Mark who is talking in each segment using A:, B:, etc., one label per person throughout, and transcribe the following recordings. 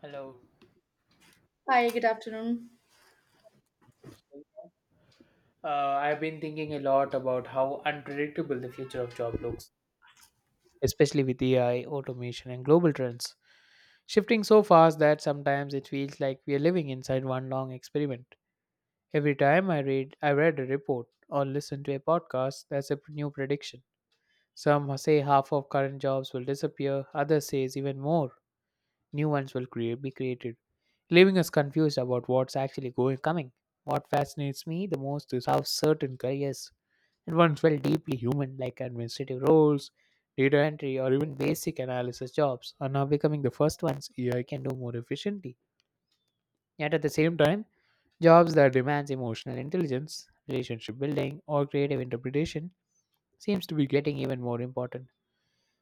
A: Hello.
B: Hi, good afternoon.
A: I've been thinking a lot about how unpredictable the future of job looks, especially with AI, automation, and global trends shifting so fast that sometimes it feels like we are living inside one long experiment. Every time I read a report or listen to a podcast, there's a new prediction. Some say half of current jobs will disappear. Others says even more. New ones will be created, leaving us confused about what's actually going coming. What fascinates me the most is how certain careers and ones felt deeply human, like administrative roles, data entry, or even basic analysis jobs, are now becoming the first ones AI can do more efficiently. Yet at the same time, jobs that demands emotional intelligence, relationship building, or creative interpretation seems to be getting even more important.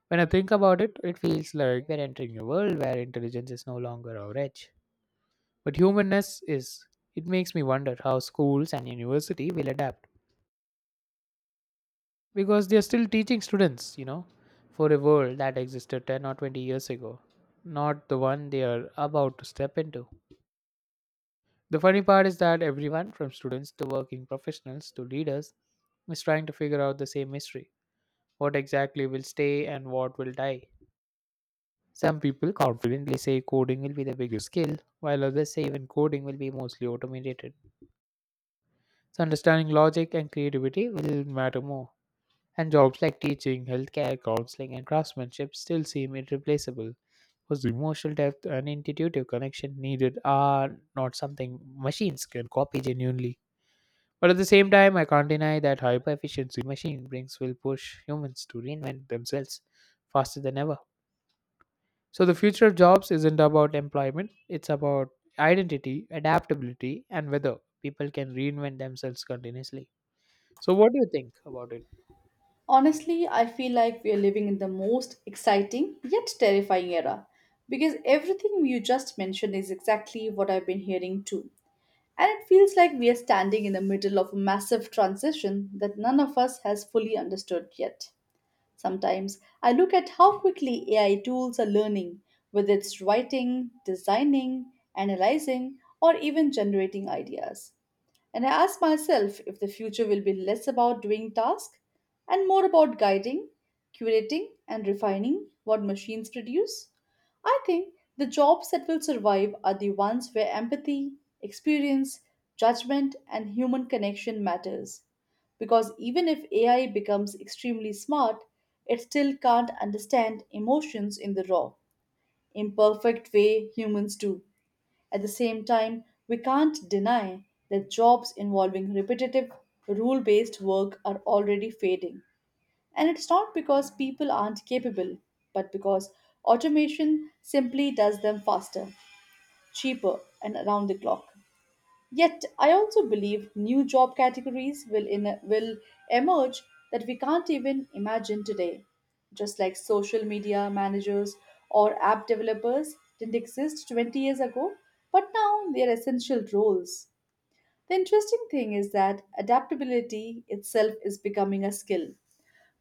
A: When I think about it, it feels like we're entering a world where intelligence is no longer our edge. But humanness is. It makes me wonder how schools and university will adapt because they are still teaching students, you know, for a world that existed 10 or 20 years ago, not the one they are about to step into. The funny part is that everyone from students to working professionals to leaders is trying to figure out the same mystery. What exactly will stay and what will die? Some people confidently say coding will be the biggest skill, while others say even coding will be mostly automated. So understanding logic and creativity will matter more. And jobs like teaching, healthcare, counseling, and craftsmanship still seem irreplaceable because the emotional depth and intuitive connection needed are not something machines can copy genuinely. But at the same time, I can't deny that hyper efficiency machine brings will push humans to reinvent themselves faster than ever. So the future of jobs isn't about employment, it's about identity, adaptability, and whether people can reinvent themselves continuously. So, what do you think about it?
B: Honestly, I feel like we are living in the most exciting yet terrifying era because everything you just mentioned is exactly what I've been hearing too. And it feels like we are standing in the middle of a massive transition that none of us has fully understood yet. Sometimes I look at how quickly AI tools are learning, whether it's writing, designing, analyzing, or even generating ideas. And I ask myself if the future will be less about doing tasks and more about guiding, curating, and refining what machines produce. I think the jobs that will survive are the ones where empathy, experience, judgment, and human connection matters. Because even if AI becomes extremely smart, it still can't understand emotions in the raw, imperfect way humans do. At the same time, we can't deny that jobs involving repetitive, rule based work are already fading. And it's not because people aren't capable, but because automation simply does them faster, cheaper, and around the clock. Yet, I also believe new job categories will emerge that we can't even imagine today, just like social media managers or app developers didn't exist 20 years ago, but now they are essential roles. The interesting thing is that adaptability itself is becoming a skill.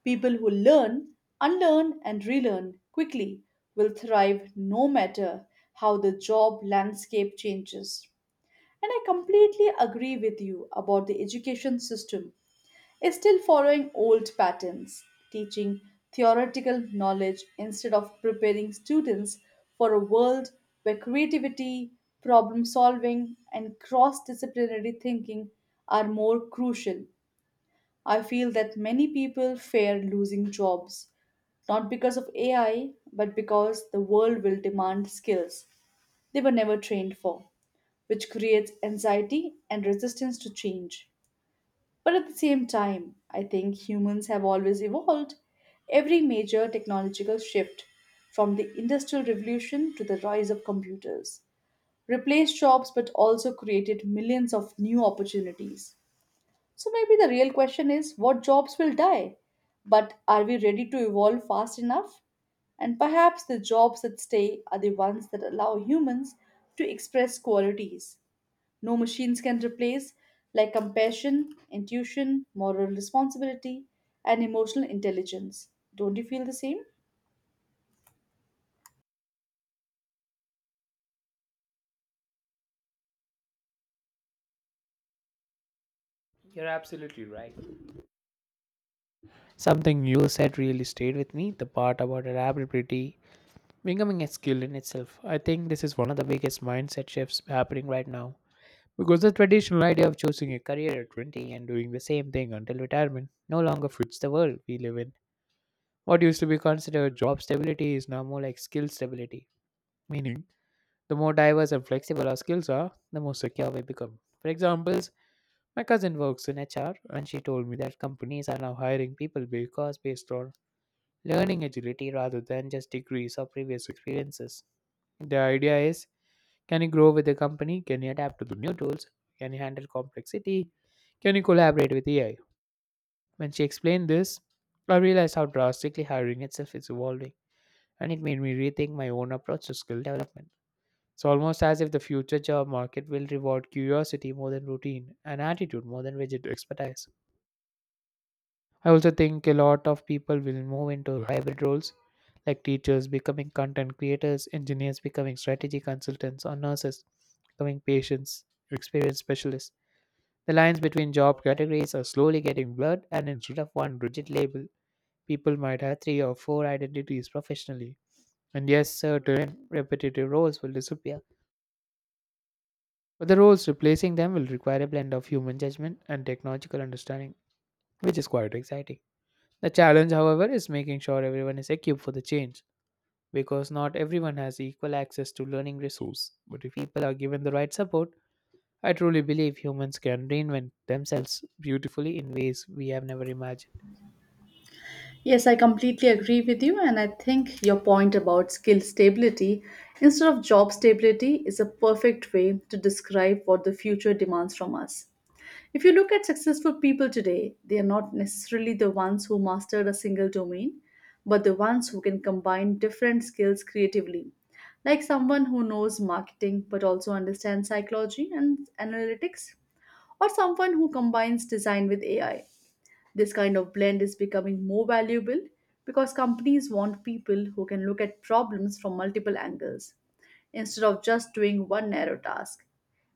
B: People who learn, unlearn, and relearn quickly will thrive no matter how the job landscape changes. And I completely agree with you about the education system is still following old patterns, teaching theoretical knowledge instead of preparing students for a world where creativity, problem solving, and cross disciplinary thinking are more crucial. I feel that many people fear losing jobs, not because of AI, but because the world will demand skills they were never trained for, which creates anxiety and resistance to change. But at the same time, I think humans have always evolved. Every major technological shift, from the Industrial Revolution to the rise of computers, replaced jobs but also created millions of new opportunities. So maybe the real question is what jobs will die? But are we ready to evolve fast enough? And perhaps the jobs that stay are the ones that allow humans to express qualities no machines can replace, like compassion, intuition, moral responsibility, and emotional intelligence. Don't you feel the same?
A: You're absolutely right. Something you said really stayed with me the part about adaptability becoming a skill in itself. I think this is one of the biggest mindset shifts happening right now. Because the traditional idea of choosing a career at 20 and doing the same thing until retirement no longer fits the world we live in. What used to be considered job stability is now more like skill stability, meaning the more diverse and flexible our skills are, the more secure we become. For example, my cousin works in HR and she told me that companies are now hiring people because based on learning agility rather than just degrees or previous experiences. The idea is can you grow with the company? Can you adapt to the new tools? Can you handle complexity? Can you collaborate with AI? When she explained this, I realized how drastically hiring itself is evolving, and it made me rethink my own approach to skill development. It's almost as if the future job market will reward curiosity more than routine and attitude more than rigid expertise. I also think a lot of people will move into hybrid roles like teachers becoming content creators, engineers becoming strategy consultants, or nurses becoming patients experience specialists. The lines between job categories are slowly getting blurred, and instead of one rigid label, people might have three or four identities professionally. And yes, certain repetitive roles will disappear, but the roles replacing them will require a blend of human judgment and technological understanding, which is quite exciting. The challenge, however, is making sure everyone is equipped for the change because not everyone has equal access to learning resources. But if people are given the right support, I truly believe humans can reinvent themselves beautifully in ways we have never imagined.
B: Yes, I completely agree with you, and I think your point about skill stability instead of job stability is a perfect way to describe what the future demands from us. If you look at successful people today, they are not necessarily the ones who mastered a single domain, but the ones who can combine different skills creatively, like someone who knows marketing but also understands psychology and analytics, or someone who combines design with AI. This kind of blend is becoming more valuable because companies want people who can look at problems from multiple angles instead of just doing one narrow task.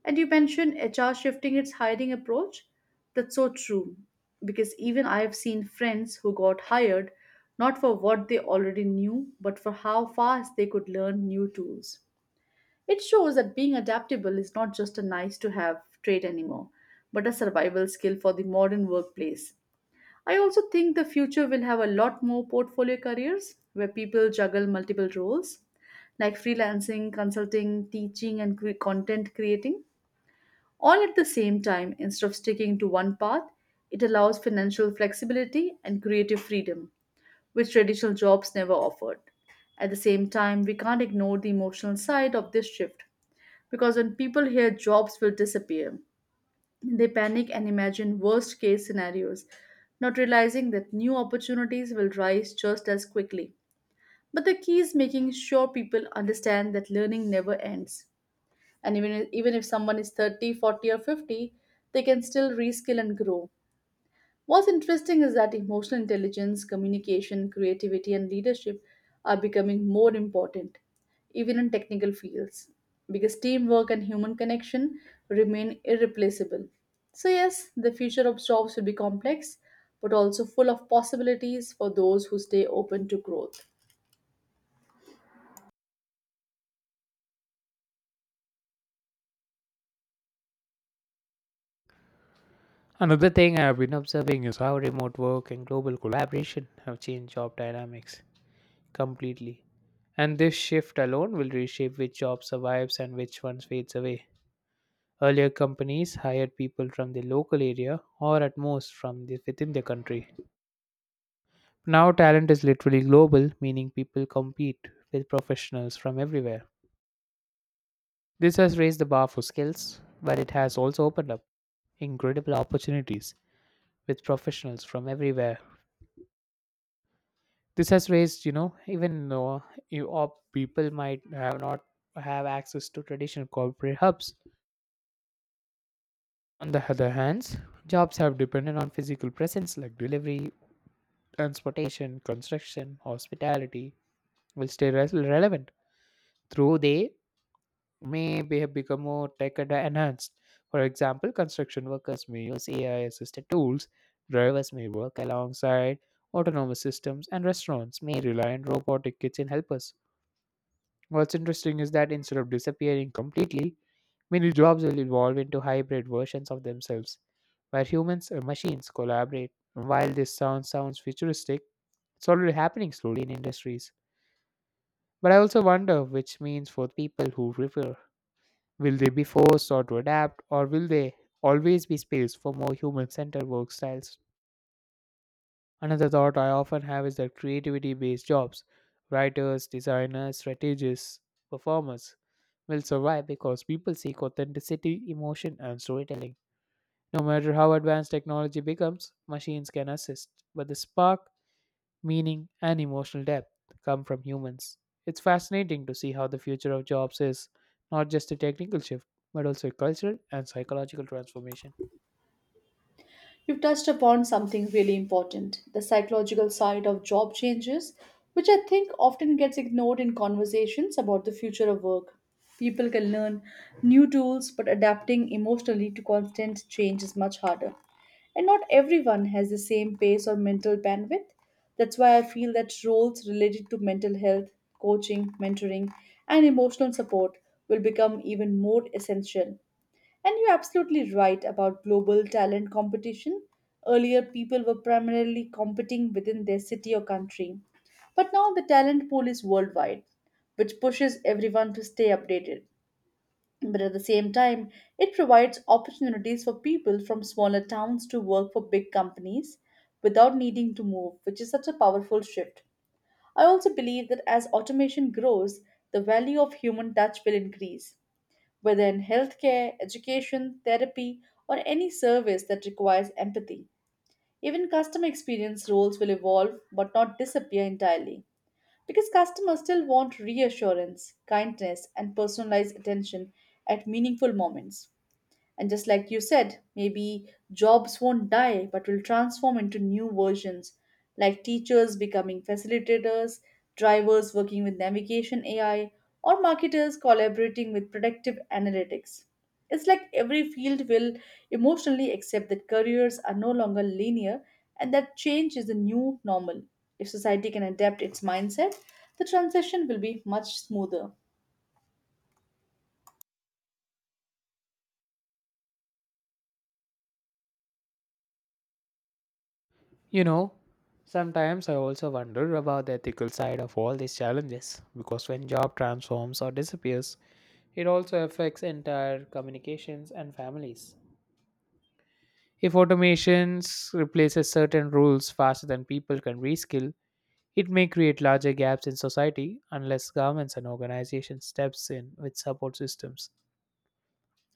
B: And you mentioned HR shifting its hiring approach. That's so true because even I have seen friends who got hired not for what they already knew, but for how fast they could learn new tools. It shows that being adaptable is not just a nice to have trait anymore, but a survival skill for the modern workplace. I also think the future will have a lot more portfolio careers where people juggle multiple roles like freelancing, consulting, teaching, and content creating all at the same time instead of sticking to one path. It allows financial flexibility and creative freedom, which traditional jobs never offered. At the same time, we can't ignore the emotional side of this shift because when people hear jobs will disappear, they panic and imagine worst case scenarios, not realizing that new opportunities will rise just as quickly. But the key is making sure people understand that learning never ends. And even if someone is 30, 40, or 50, they can still reskill and grow. What's interesting is that emotional intelligence, communication, creativity, and leadership are becoming more important, even in technical fields, because teamwork and human connection remain irreplaceable. So, yes, the future of jobs will be complex, but also full of possibilities for those who stay open to growth.
A: Another thing I have been observing is how remote work and global collaboration have changed job dynamics completely. And this shift alone will reshape which job survives and which one fades away. Earlier, companies hired people from the local area or at most from within the country. Now, talent is literally global, meaning people compete with professionals from everywhere. This has raised the bar for skills, but it has also opened up incredible opportunities with professionals from everywhere. This has raised, you know, even though you or people might have not have access to traditional corporate hubs. On the other hand, jobs have depended on physical presence like delivery, transportation, construction, hospitality will stay relevant through they may be have become more tech and enhanced. For example, construction workers may use AI assisted tools, drivers may work alongside autonomous systems, and restaurants may rely on robotic kitchen helpers. What's interesting is that instead of disappearing completely, many jobs will evolve into hybrid versions of themselves, where humans and machines collaborate. While this sounds futuristic, it's already happening slowly in industries. But I also wonder which means for people who prefer will they be forced or to adapt, or will there always be space for more human centered work styles? Another thought I often have is that creativity based jobs, writers, designers, strategists, performers, will survive because people seek authenticity, emotion, and storytelling. No matter how advanced technology becomes, machines can assist, but the spark meaning, and emotional depth come from humans. It's fascinating to see how the future of jobs is not just a technical shift, but also a cultural and psychological transformation.
B: You've touched upon something really important, the psychological side of job changes, which I think often gets ignored in conversations about the future of work. People can learn new tools, but adapting emotionally to constant change is much harder. And not everyone has the same pace or mental bandwidth. That's why I feel that roles related to mental health, coaching, mentoring, and emotional support will become even more essential. And you're absolutely right about global talent competition. Earlier, people were primarily competing within their city or country. But now the talent pool is worldwide, which pushes everyone to stay updated. But at the same time, it provides opportunities for people from smaller towns to work for big companies without needing to move, which is such a powerful shift. I also believe that as automation grows, the value of human touch will increase, whether in healthcare, education, therapy, or any service that requires empathy. Even customer experience roles will evolve but not disappear entirely because customers still want reassurance, kindness, and personalized attention at meaningful moments. And just like you said, maybe jobs won't die but will transform into new versions, like teachers becoming facilitators, drivers working with navigation AI, or marketers collaborating with predictive analytics. It's like every field will emotionally accept that careers are no longer linear and that change is the new normal. If society can adapt its mindset, the transition will be much smoother.
A: You know, sometimes I also wonder about the ethical side of all these challenges because when job transforms or disappears, it also affects entire communications and families. If automations replaces certain rules faster than people can reskill, it may create larger gaps in society unless governments and organizations steps in with support systems.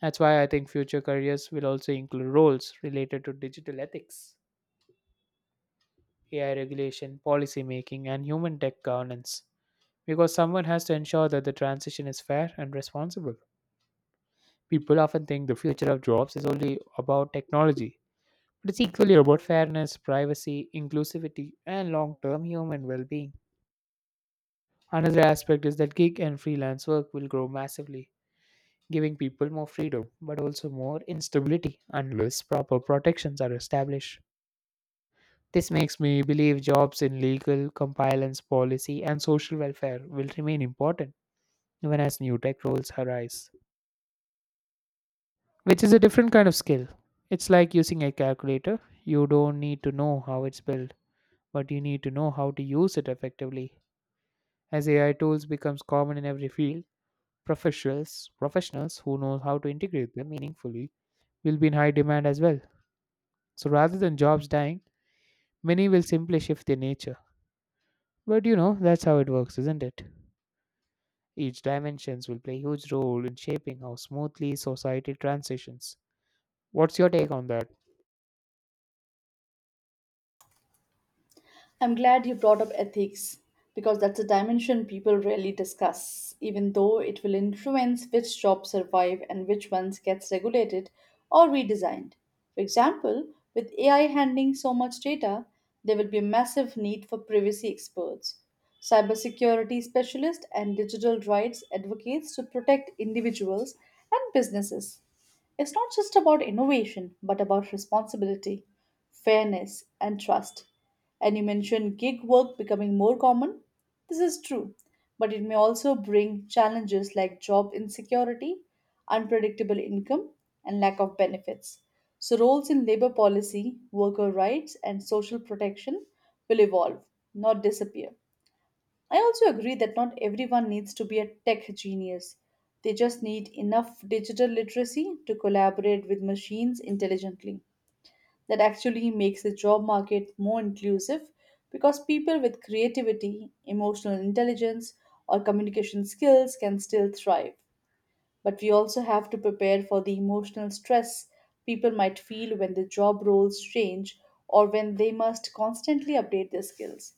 A: That's why I think future careers will also include roles related to digital ethics, AI regulation, policy making, and human tech governance because someone has to ensure that the transition is fair and responsible. People often think the future of jobs is only about technology, but it's equally about fairness, privacy, inclusivity, and long term human well being. Another aspect is that gig and freelance work will grow massively, giving people more freedom but also more instability unless proper protections are established. This makes me believe jobs in legal, compliance, policy, and social welfare will remain important even as new tech roles arise, which is a different kind of skill. It's like using a calculator. You don't need to know how it's built, but you need to know how to use it effectively. As AI tools becomes common in every field, professionals who know how to integrate them meaningfully will be in high demand as well. So rather than jobs dying, many will simply shift their nature. But you know, that's how it works, isn't it? Each dimensions will play a huge role in shaping how smoothly society transitions. What's your take on that?
B: I'm glad you brought up ethics because that's a dimension people rarely discuss, even though it will influence which jobs survive and which ones gets regulated or redesigned. For example, with AI handling so much data, there will be a massive need for privacy experts, cybersecurity specialists, and digital rights advocates to protect individuals and businesses. It's not just about innovation, but about responsibility, fairness, and trust. And you mentioned gig work becoming more common. This is true, but it may also bring challenges like job insecurity, unpredictable income, and lack of benefits. So, roles in labor policy, worker rights, and social protection will evolve, not disappear. I also agree that not everyone needs to be a tech genius. They just need enough digital literacy to collaborate with machines intelligently. That actually makes the job market more inclusive because people with creativity, emotional intelligence, or communication skills can still thrive. But we also have to prepare for the emotional stress people might feel when the job roles change or when they must constantly update their skills.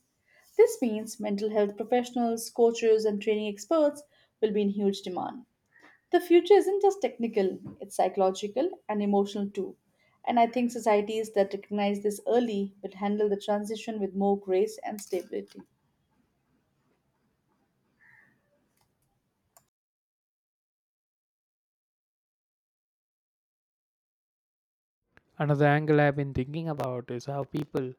B: This means mental health professionals, coaches, and training experts will be in huge demand. The future isn't just technical, it's psychological and emotional too. And I think societies that recognize this early will handle the transition with more grace and stability.
A: Another angle I've been thinking about is how people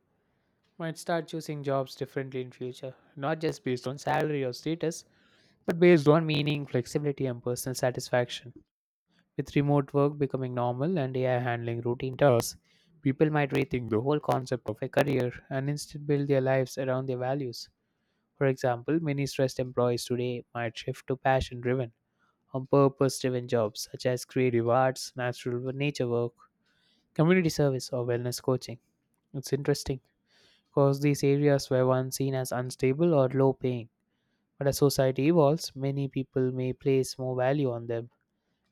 A: might start choosing jobs differently in future, not just based on salary or status, but based on meaning, flexibility, and personal satisfaction. With remote work becoming normal and AI handling routine tasks, people might rethink the whole concept of a career and instead build their lives around their values. For example, many stressed employees today might shift to passion driven or purpose driven jobs such as creative arts, natural nature work, community service or wellness coaching. It's interesting because these areas were once seen as unstable or low paying, but as society evolves, many people may place more value on them.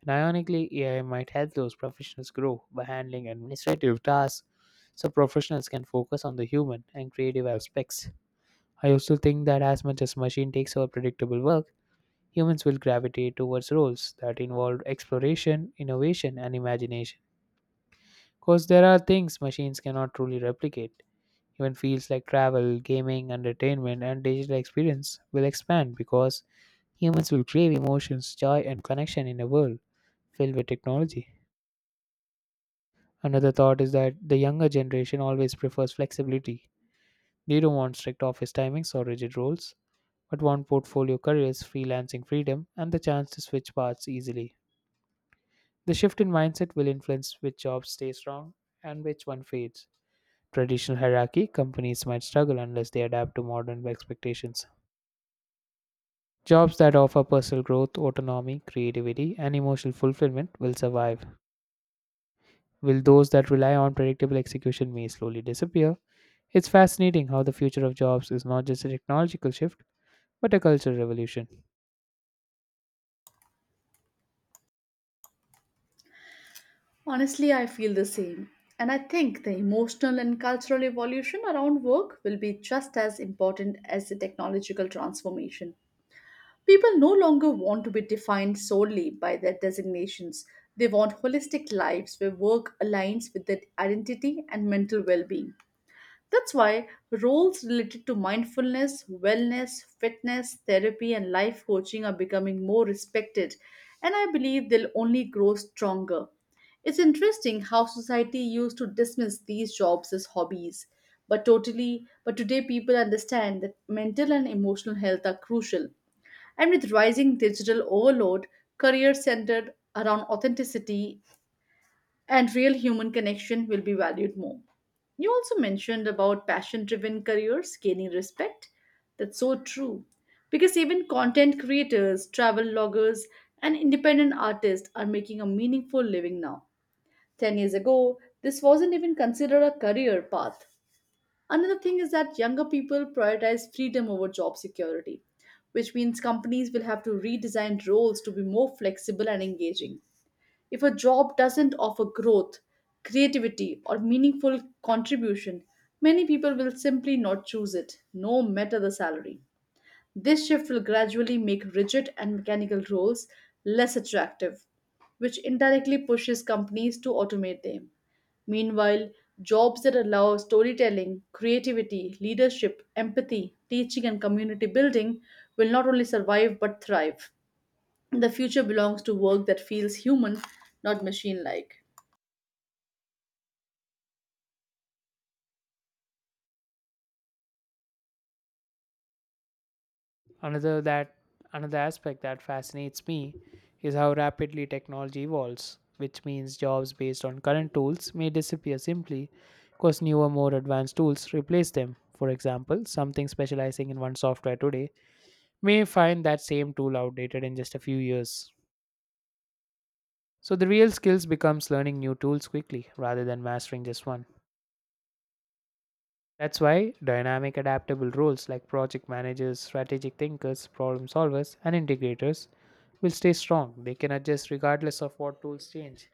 A: And ironically, AI might help those professionals grow by handling administrative tasks so professionals can focus on the human and creative aspects. I also think that as much as machine takes over predictable work, humans will gravitate towards roles that involve exploration, innovation, and imagination. Because there are things machines cannot truly replicate, even fields like travel, gaming, entertainment, and digital experience will expand because humans will crave emotions, joy, and connection in a world filled with technology. Another thought is that the younger generation always prefers flexibility. They don't want strict office timings or rigid roles, but want portfolio careers, freelancing freedom, and the chance to switch paths easily. The shift in mindset will influence which jobs stay strong and which one fades. Traditional hierarchy companies might struggle unless they adapt to modern expectations. Jobs that offer personal growth, autonomy, creativity, and emotional fulfillment will survive, while those that rely on predictable execution may slowly disappear. It's fascinating how the future of jobs is not just a technological shift, but a cultural revolution.
B: Honestly, I feel the same. And I think the emotional and cultural evolution around work will be just as important as the technological transformation. People no longer want to be defined solely by their designations. They want holistic lives where work aligns with their identity and mental well being. That's why roles related to mindfulness, wellness, fitness, therapy, and life coaching are becoming more respected, and I believe they'll only grow stronger. It's interesting how society used to dismiss these jobs as hobbies, but today people understand that mental and emotional health are crucial. And with rising digital overload, careers centered around authenticity and real human connection will be valued more. You also mentioned about passion driven careers gaining respect. That's so true, because even content creators, travel bloggers, and independent artists are making a meaningful living now. 10 years ago, this wasn't even considered a career path. Another thing is that younger people prioritize freedom over job security, which means companies will have to redesign roles to be more flexible and engaging. If a job doesn't offer growth, creativity, or meaningful contribution, many people will simply not choose it, no matter the salary. This shift will gradually make rigid and mechanical roles less attractive, which indirectly pushes companies to automate them. Meanwhile, jobs that allow storytelling, creativity, leadership, empathy, teaching, and community building will not only survive but thrive. The future belongs to work that feels human, not machine like.
A: Another that another aspect that fascinates me is how rapidly technology evolves, which means jobs based on current tools may disappear simply because newer, more advanced tools replace them. For example, something specializing in one software today may find that same tool outdated in just a few years. So the real skills becomes learning new tools quickly rather than mastering just one. That's why dynamic adaptable roles like project managers, strategic thinkers, problem solvers and integrators will stay strong. They can adjust regardless of what tools change.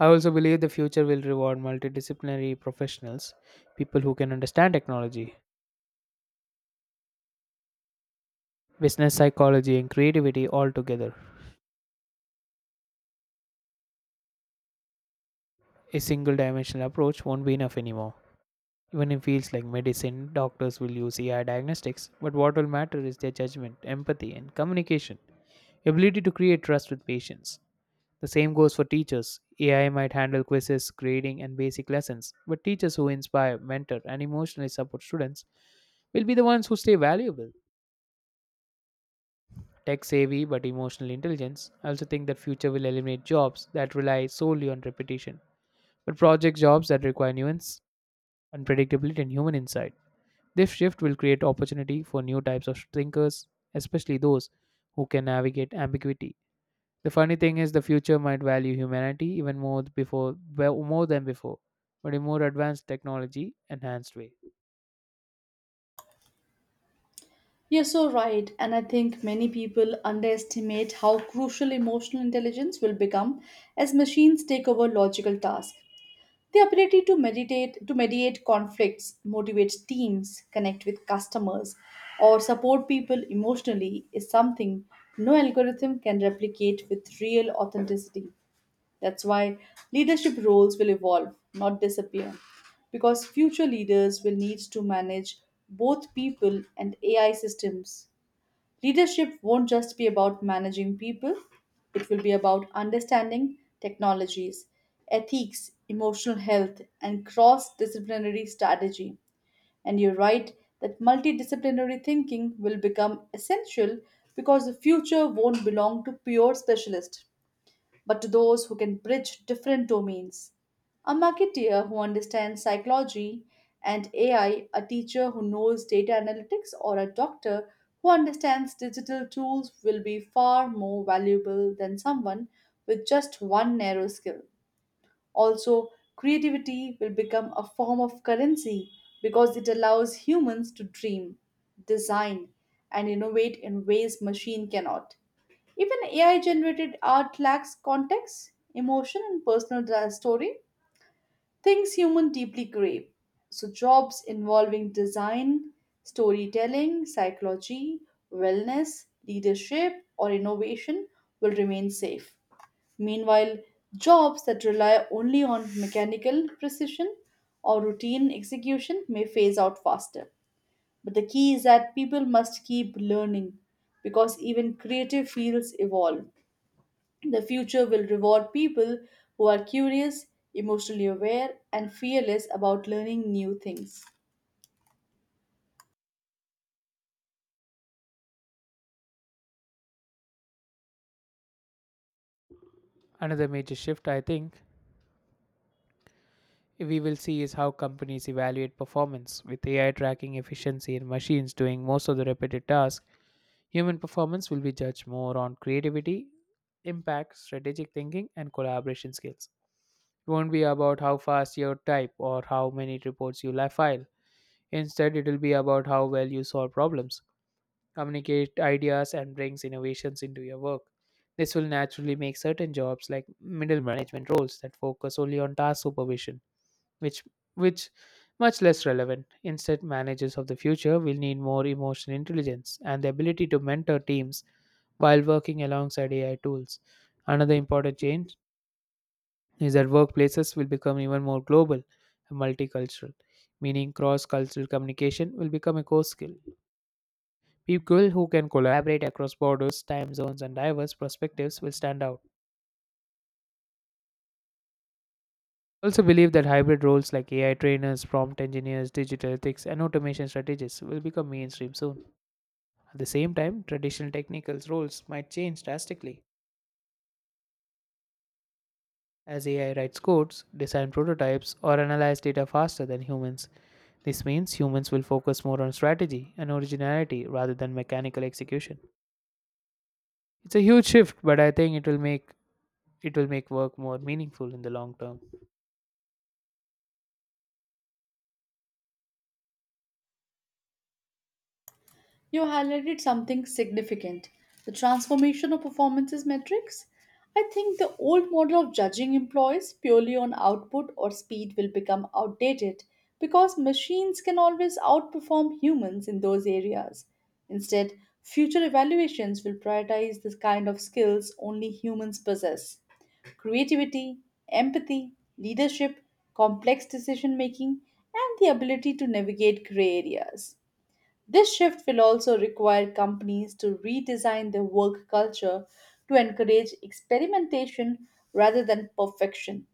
A: I also believe the future will reward multidisciplinary professionals, people who can understand technology, business psychology and creativity all together. A single dimensional approach won't be enough anymore. Even in fields like medicine, doctors will use AI diagnostics, but what will matter is their judgment, empathy, and communication, ability to create trust with patients. The same goes for teachers. AI might handle quizzes, grading, and basic lessons, but teachers who inspire, mentor, and emotionally support students will be the ones who stay valuable. Tech savvy but emotional intelligence. I also think that future will eliminate jobs that rely solely on repetition, but project jobs that require nuance, unpredictability, and human insight. This shift will create opportunity for new types of thinkers, especially those who can navigate ambiguity. The funny thing is, the future might value humanity even more before, well, more than before, but in more advanced technology enhanced way.
B: You're so right, and I think many people underestimate how crucial emotional intelligence will become as machines take over logical tasks. The ability to mediate conflicts, motivate teams, connect with customers, or support people emotionally is something no algorithm can replicate with real authenticity. That's why leadership roles will evolve, not disappear, because future leaders will need to manage both people and AI systems. Leadership won't just be about managing people, it will be about understanding technologies, ethics, emotional health, and cross disciplinary strategy. And you're right that multidisciplinary thinking will become essential because the future won't belong to pure specialists but to those who can bridge different domains. A marketeer who understands psychology and AI, a teacher who knows data analytics, or a doctor who understands digital tools will be far more valuable than someone with just one narrow skill. Also, creativity will become a form of currency because it allows humans to dream, design, and innovate in ways machine cannot. Even AI generated art lacks context, emotion, and personal story, things humans deeply crave. So, jobs involving design, storytelling, psychology, wellness, leadership, or innovation will remain safe. Meanwhile, jobs that rely only on mechanical precision or routine execution may phase out faster. But the key is that people must keep learning because even creative fields evolve. The future will reward people who are curious, emotionally aware, and fearless about learning new things.
A: Another major shift I think we will see is how companies evaluate performance, with AI tracking efficiency and machines doing most of the repetitive tasks. Human performance will be judged more on creativity, impact, strategic thinking, and collaboration skills. It won't be about how fast you type or how many reports you file. Instead, it will be about how well you solve problems, communicate ideas, and brings innovations into your work. This will naturally make certain jobs like middle management roles that focus only on task supervision which which much less relevant. Instead, managers of the future will need more emotional intelligence and the ability to mentor teams while working alongside AI tools. Another important change is that workplaces will become even more global and multicultural, meaning cross cultural communication will become a core skill. People who can collaborate across borders, time zones, and diverse perspectives will stand out. I also believe that hybrid roles like AI trainers, prompt engineers, digital ethics, and automation strategists will become mainstream soon. At the same time, traditional technical roles might change drastically. As AI writes codes, design prototypes, or analyze data faster than humans, this means humans will focus more on strategy and originality rather than mechanical execution. It's a huge shift, but I think it will make work more meaningful in the long term.
B: You highlighted something significant, the transformation of performances metrics. I think the old model of judging employees purely on output or speed will become outdated because machines can always outperform humans in those areas. Instead, future evaluations will prioritize the kind of skills only humans possess: creativity, empathy, leadership, complex decision making, and the ability to navigate gray areas. This shift will also require companies to redesign their work culture to encourage experimentation rather than perfection.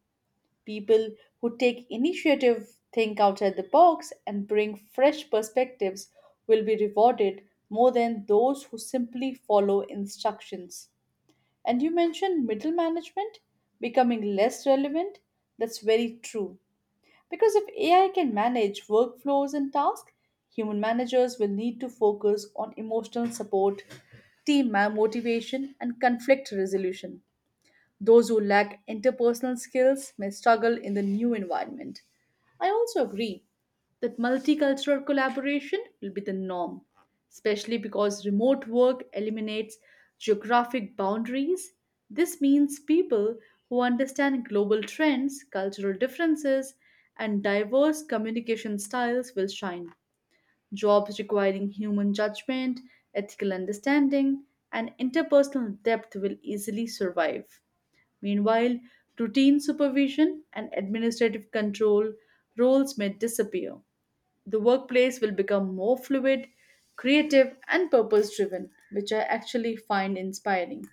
B: People who take initiative, think outside the box, and bring fresh perspectives will be rewarded more than those who simply follow instructions. And you mentioned middle management becoming less relevant. That's very true. Because if AI can manage workflows and tasks, human managers will need to focus on emotional support, team motivation, and conflict resolution. Those who lack interpersonal skills may struggle in the new environment. I also agree that multicultural collaboration will be the norm, especially because remote work eliminates geographic boundaries. This means people who understand global trends, cultural differences, and diverse communication styles will shine. Jobs requiring human judgment, ethical understanding, and interpersonal depth will easily survive. Meanwhile, routine supervision and administrative control roles may disappear. The workplace will become more fluid, creative, and purpose driven, which I actually find inspiring.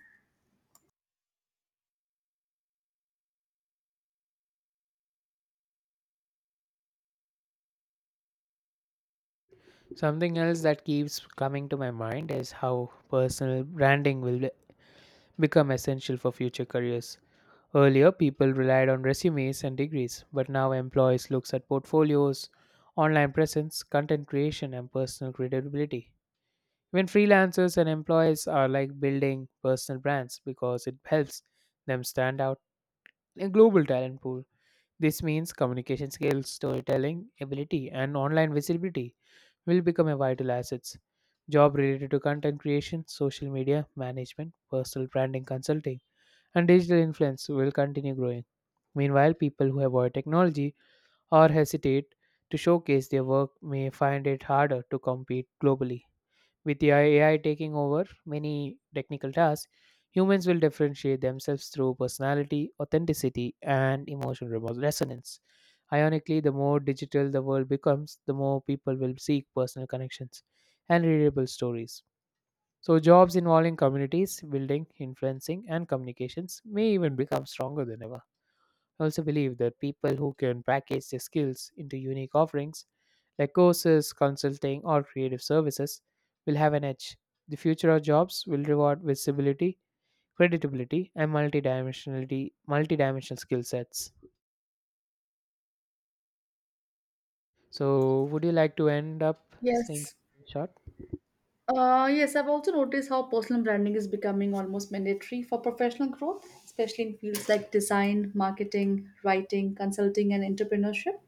A: Something else that keeps coming to my mind is how personal branding will become essential for future careers. Earlier, people relied on resumes and degrees, but now employees look at portfolios, online presence, content creation, and personal credibility. Even freelancers and employees are like building personal brands because it helps them stand out in a global talent pool. This means communication skills, storytelling ability, and online visibility will become a vital assets. Job related to content creation, social media management, personal branding consulting, and digital influence will continue growing. Meanwhile, people who avoid technology or hesitate to showcase their work may find it harder to compete globally. With the AI taking over many technical tasks, humans will differentiate themselves through personality, authenticity, and emotional resonance. Ironically, the more digital the world becomes, the more people will seek personal connections and readable stories. So, jobs involving communities, building, influencing, and communications may even become stronger than ever. I also believe that people who can package their skills into unique offerings, like courses, consulting, or creative services, will have an edge. The future of jobs will reward visibility, credibility, and multidimensional skill sets. So, would you like to end up saying
B: Yes.
A: something short?
B: Yes, I've also noticed how personal branding is becoming almost mandatory for professional growth, especially in fields like design, marketing, writing, consulting, and entrepreneurship.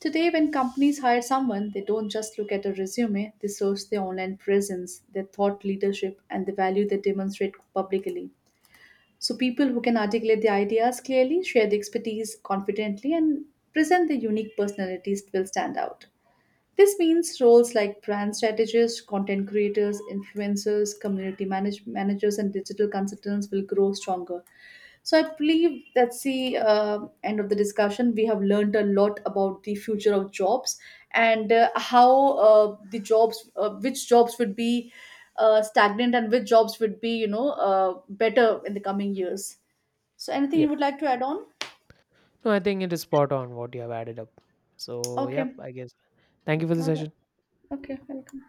B: Today, when companies hire someone, they don't just look at a resume, they source their online presence, their thought leadership, and the value they demonstrate publicly. So, people who can articulate their ideas clearly, share the expertise confidently, and present their unique personalities will stand out. This means roles like brand strategists, content creators, influencers, community managers, and digital consultants will grow stronger. So I believe that's the end of the discussion. We have learned a lot about the future of jobs and how the jobs, which jobs would be stagnant and which jobs would be, better in the coming years. So anything you
A: Yep.
B: would like to add on?
A: No, I think it is spot on what you have added up. So, yep,
B: Okay.
A: I guess. Thank you for the
B: All right.
A: session.
B: Okay. Welcome.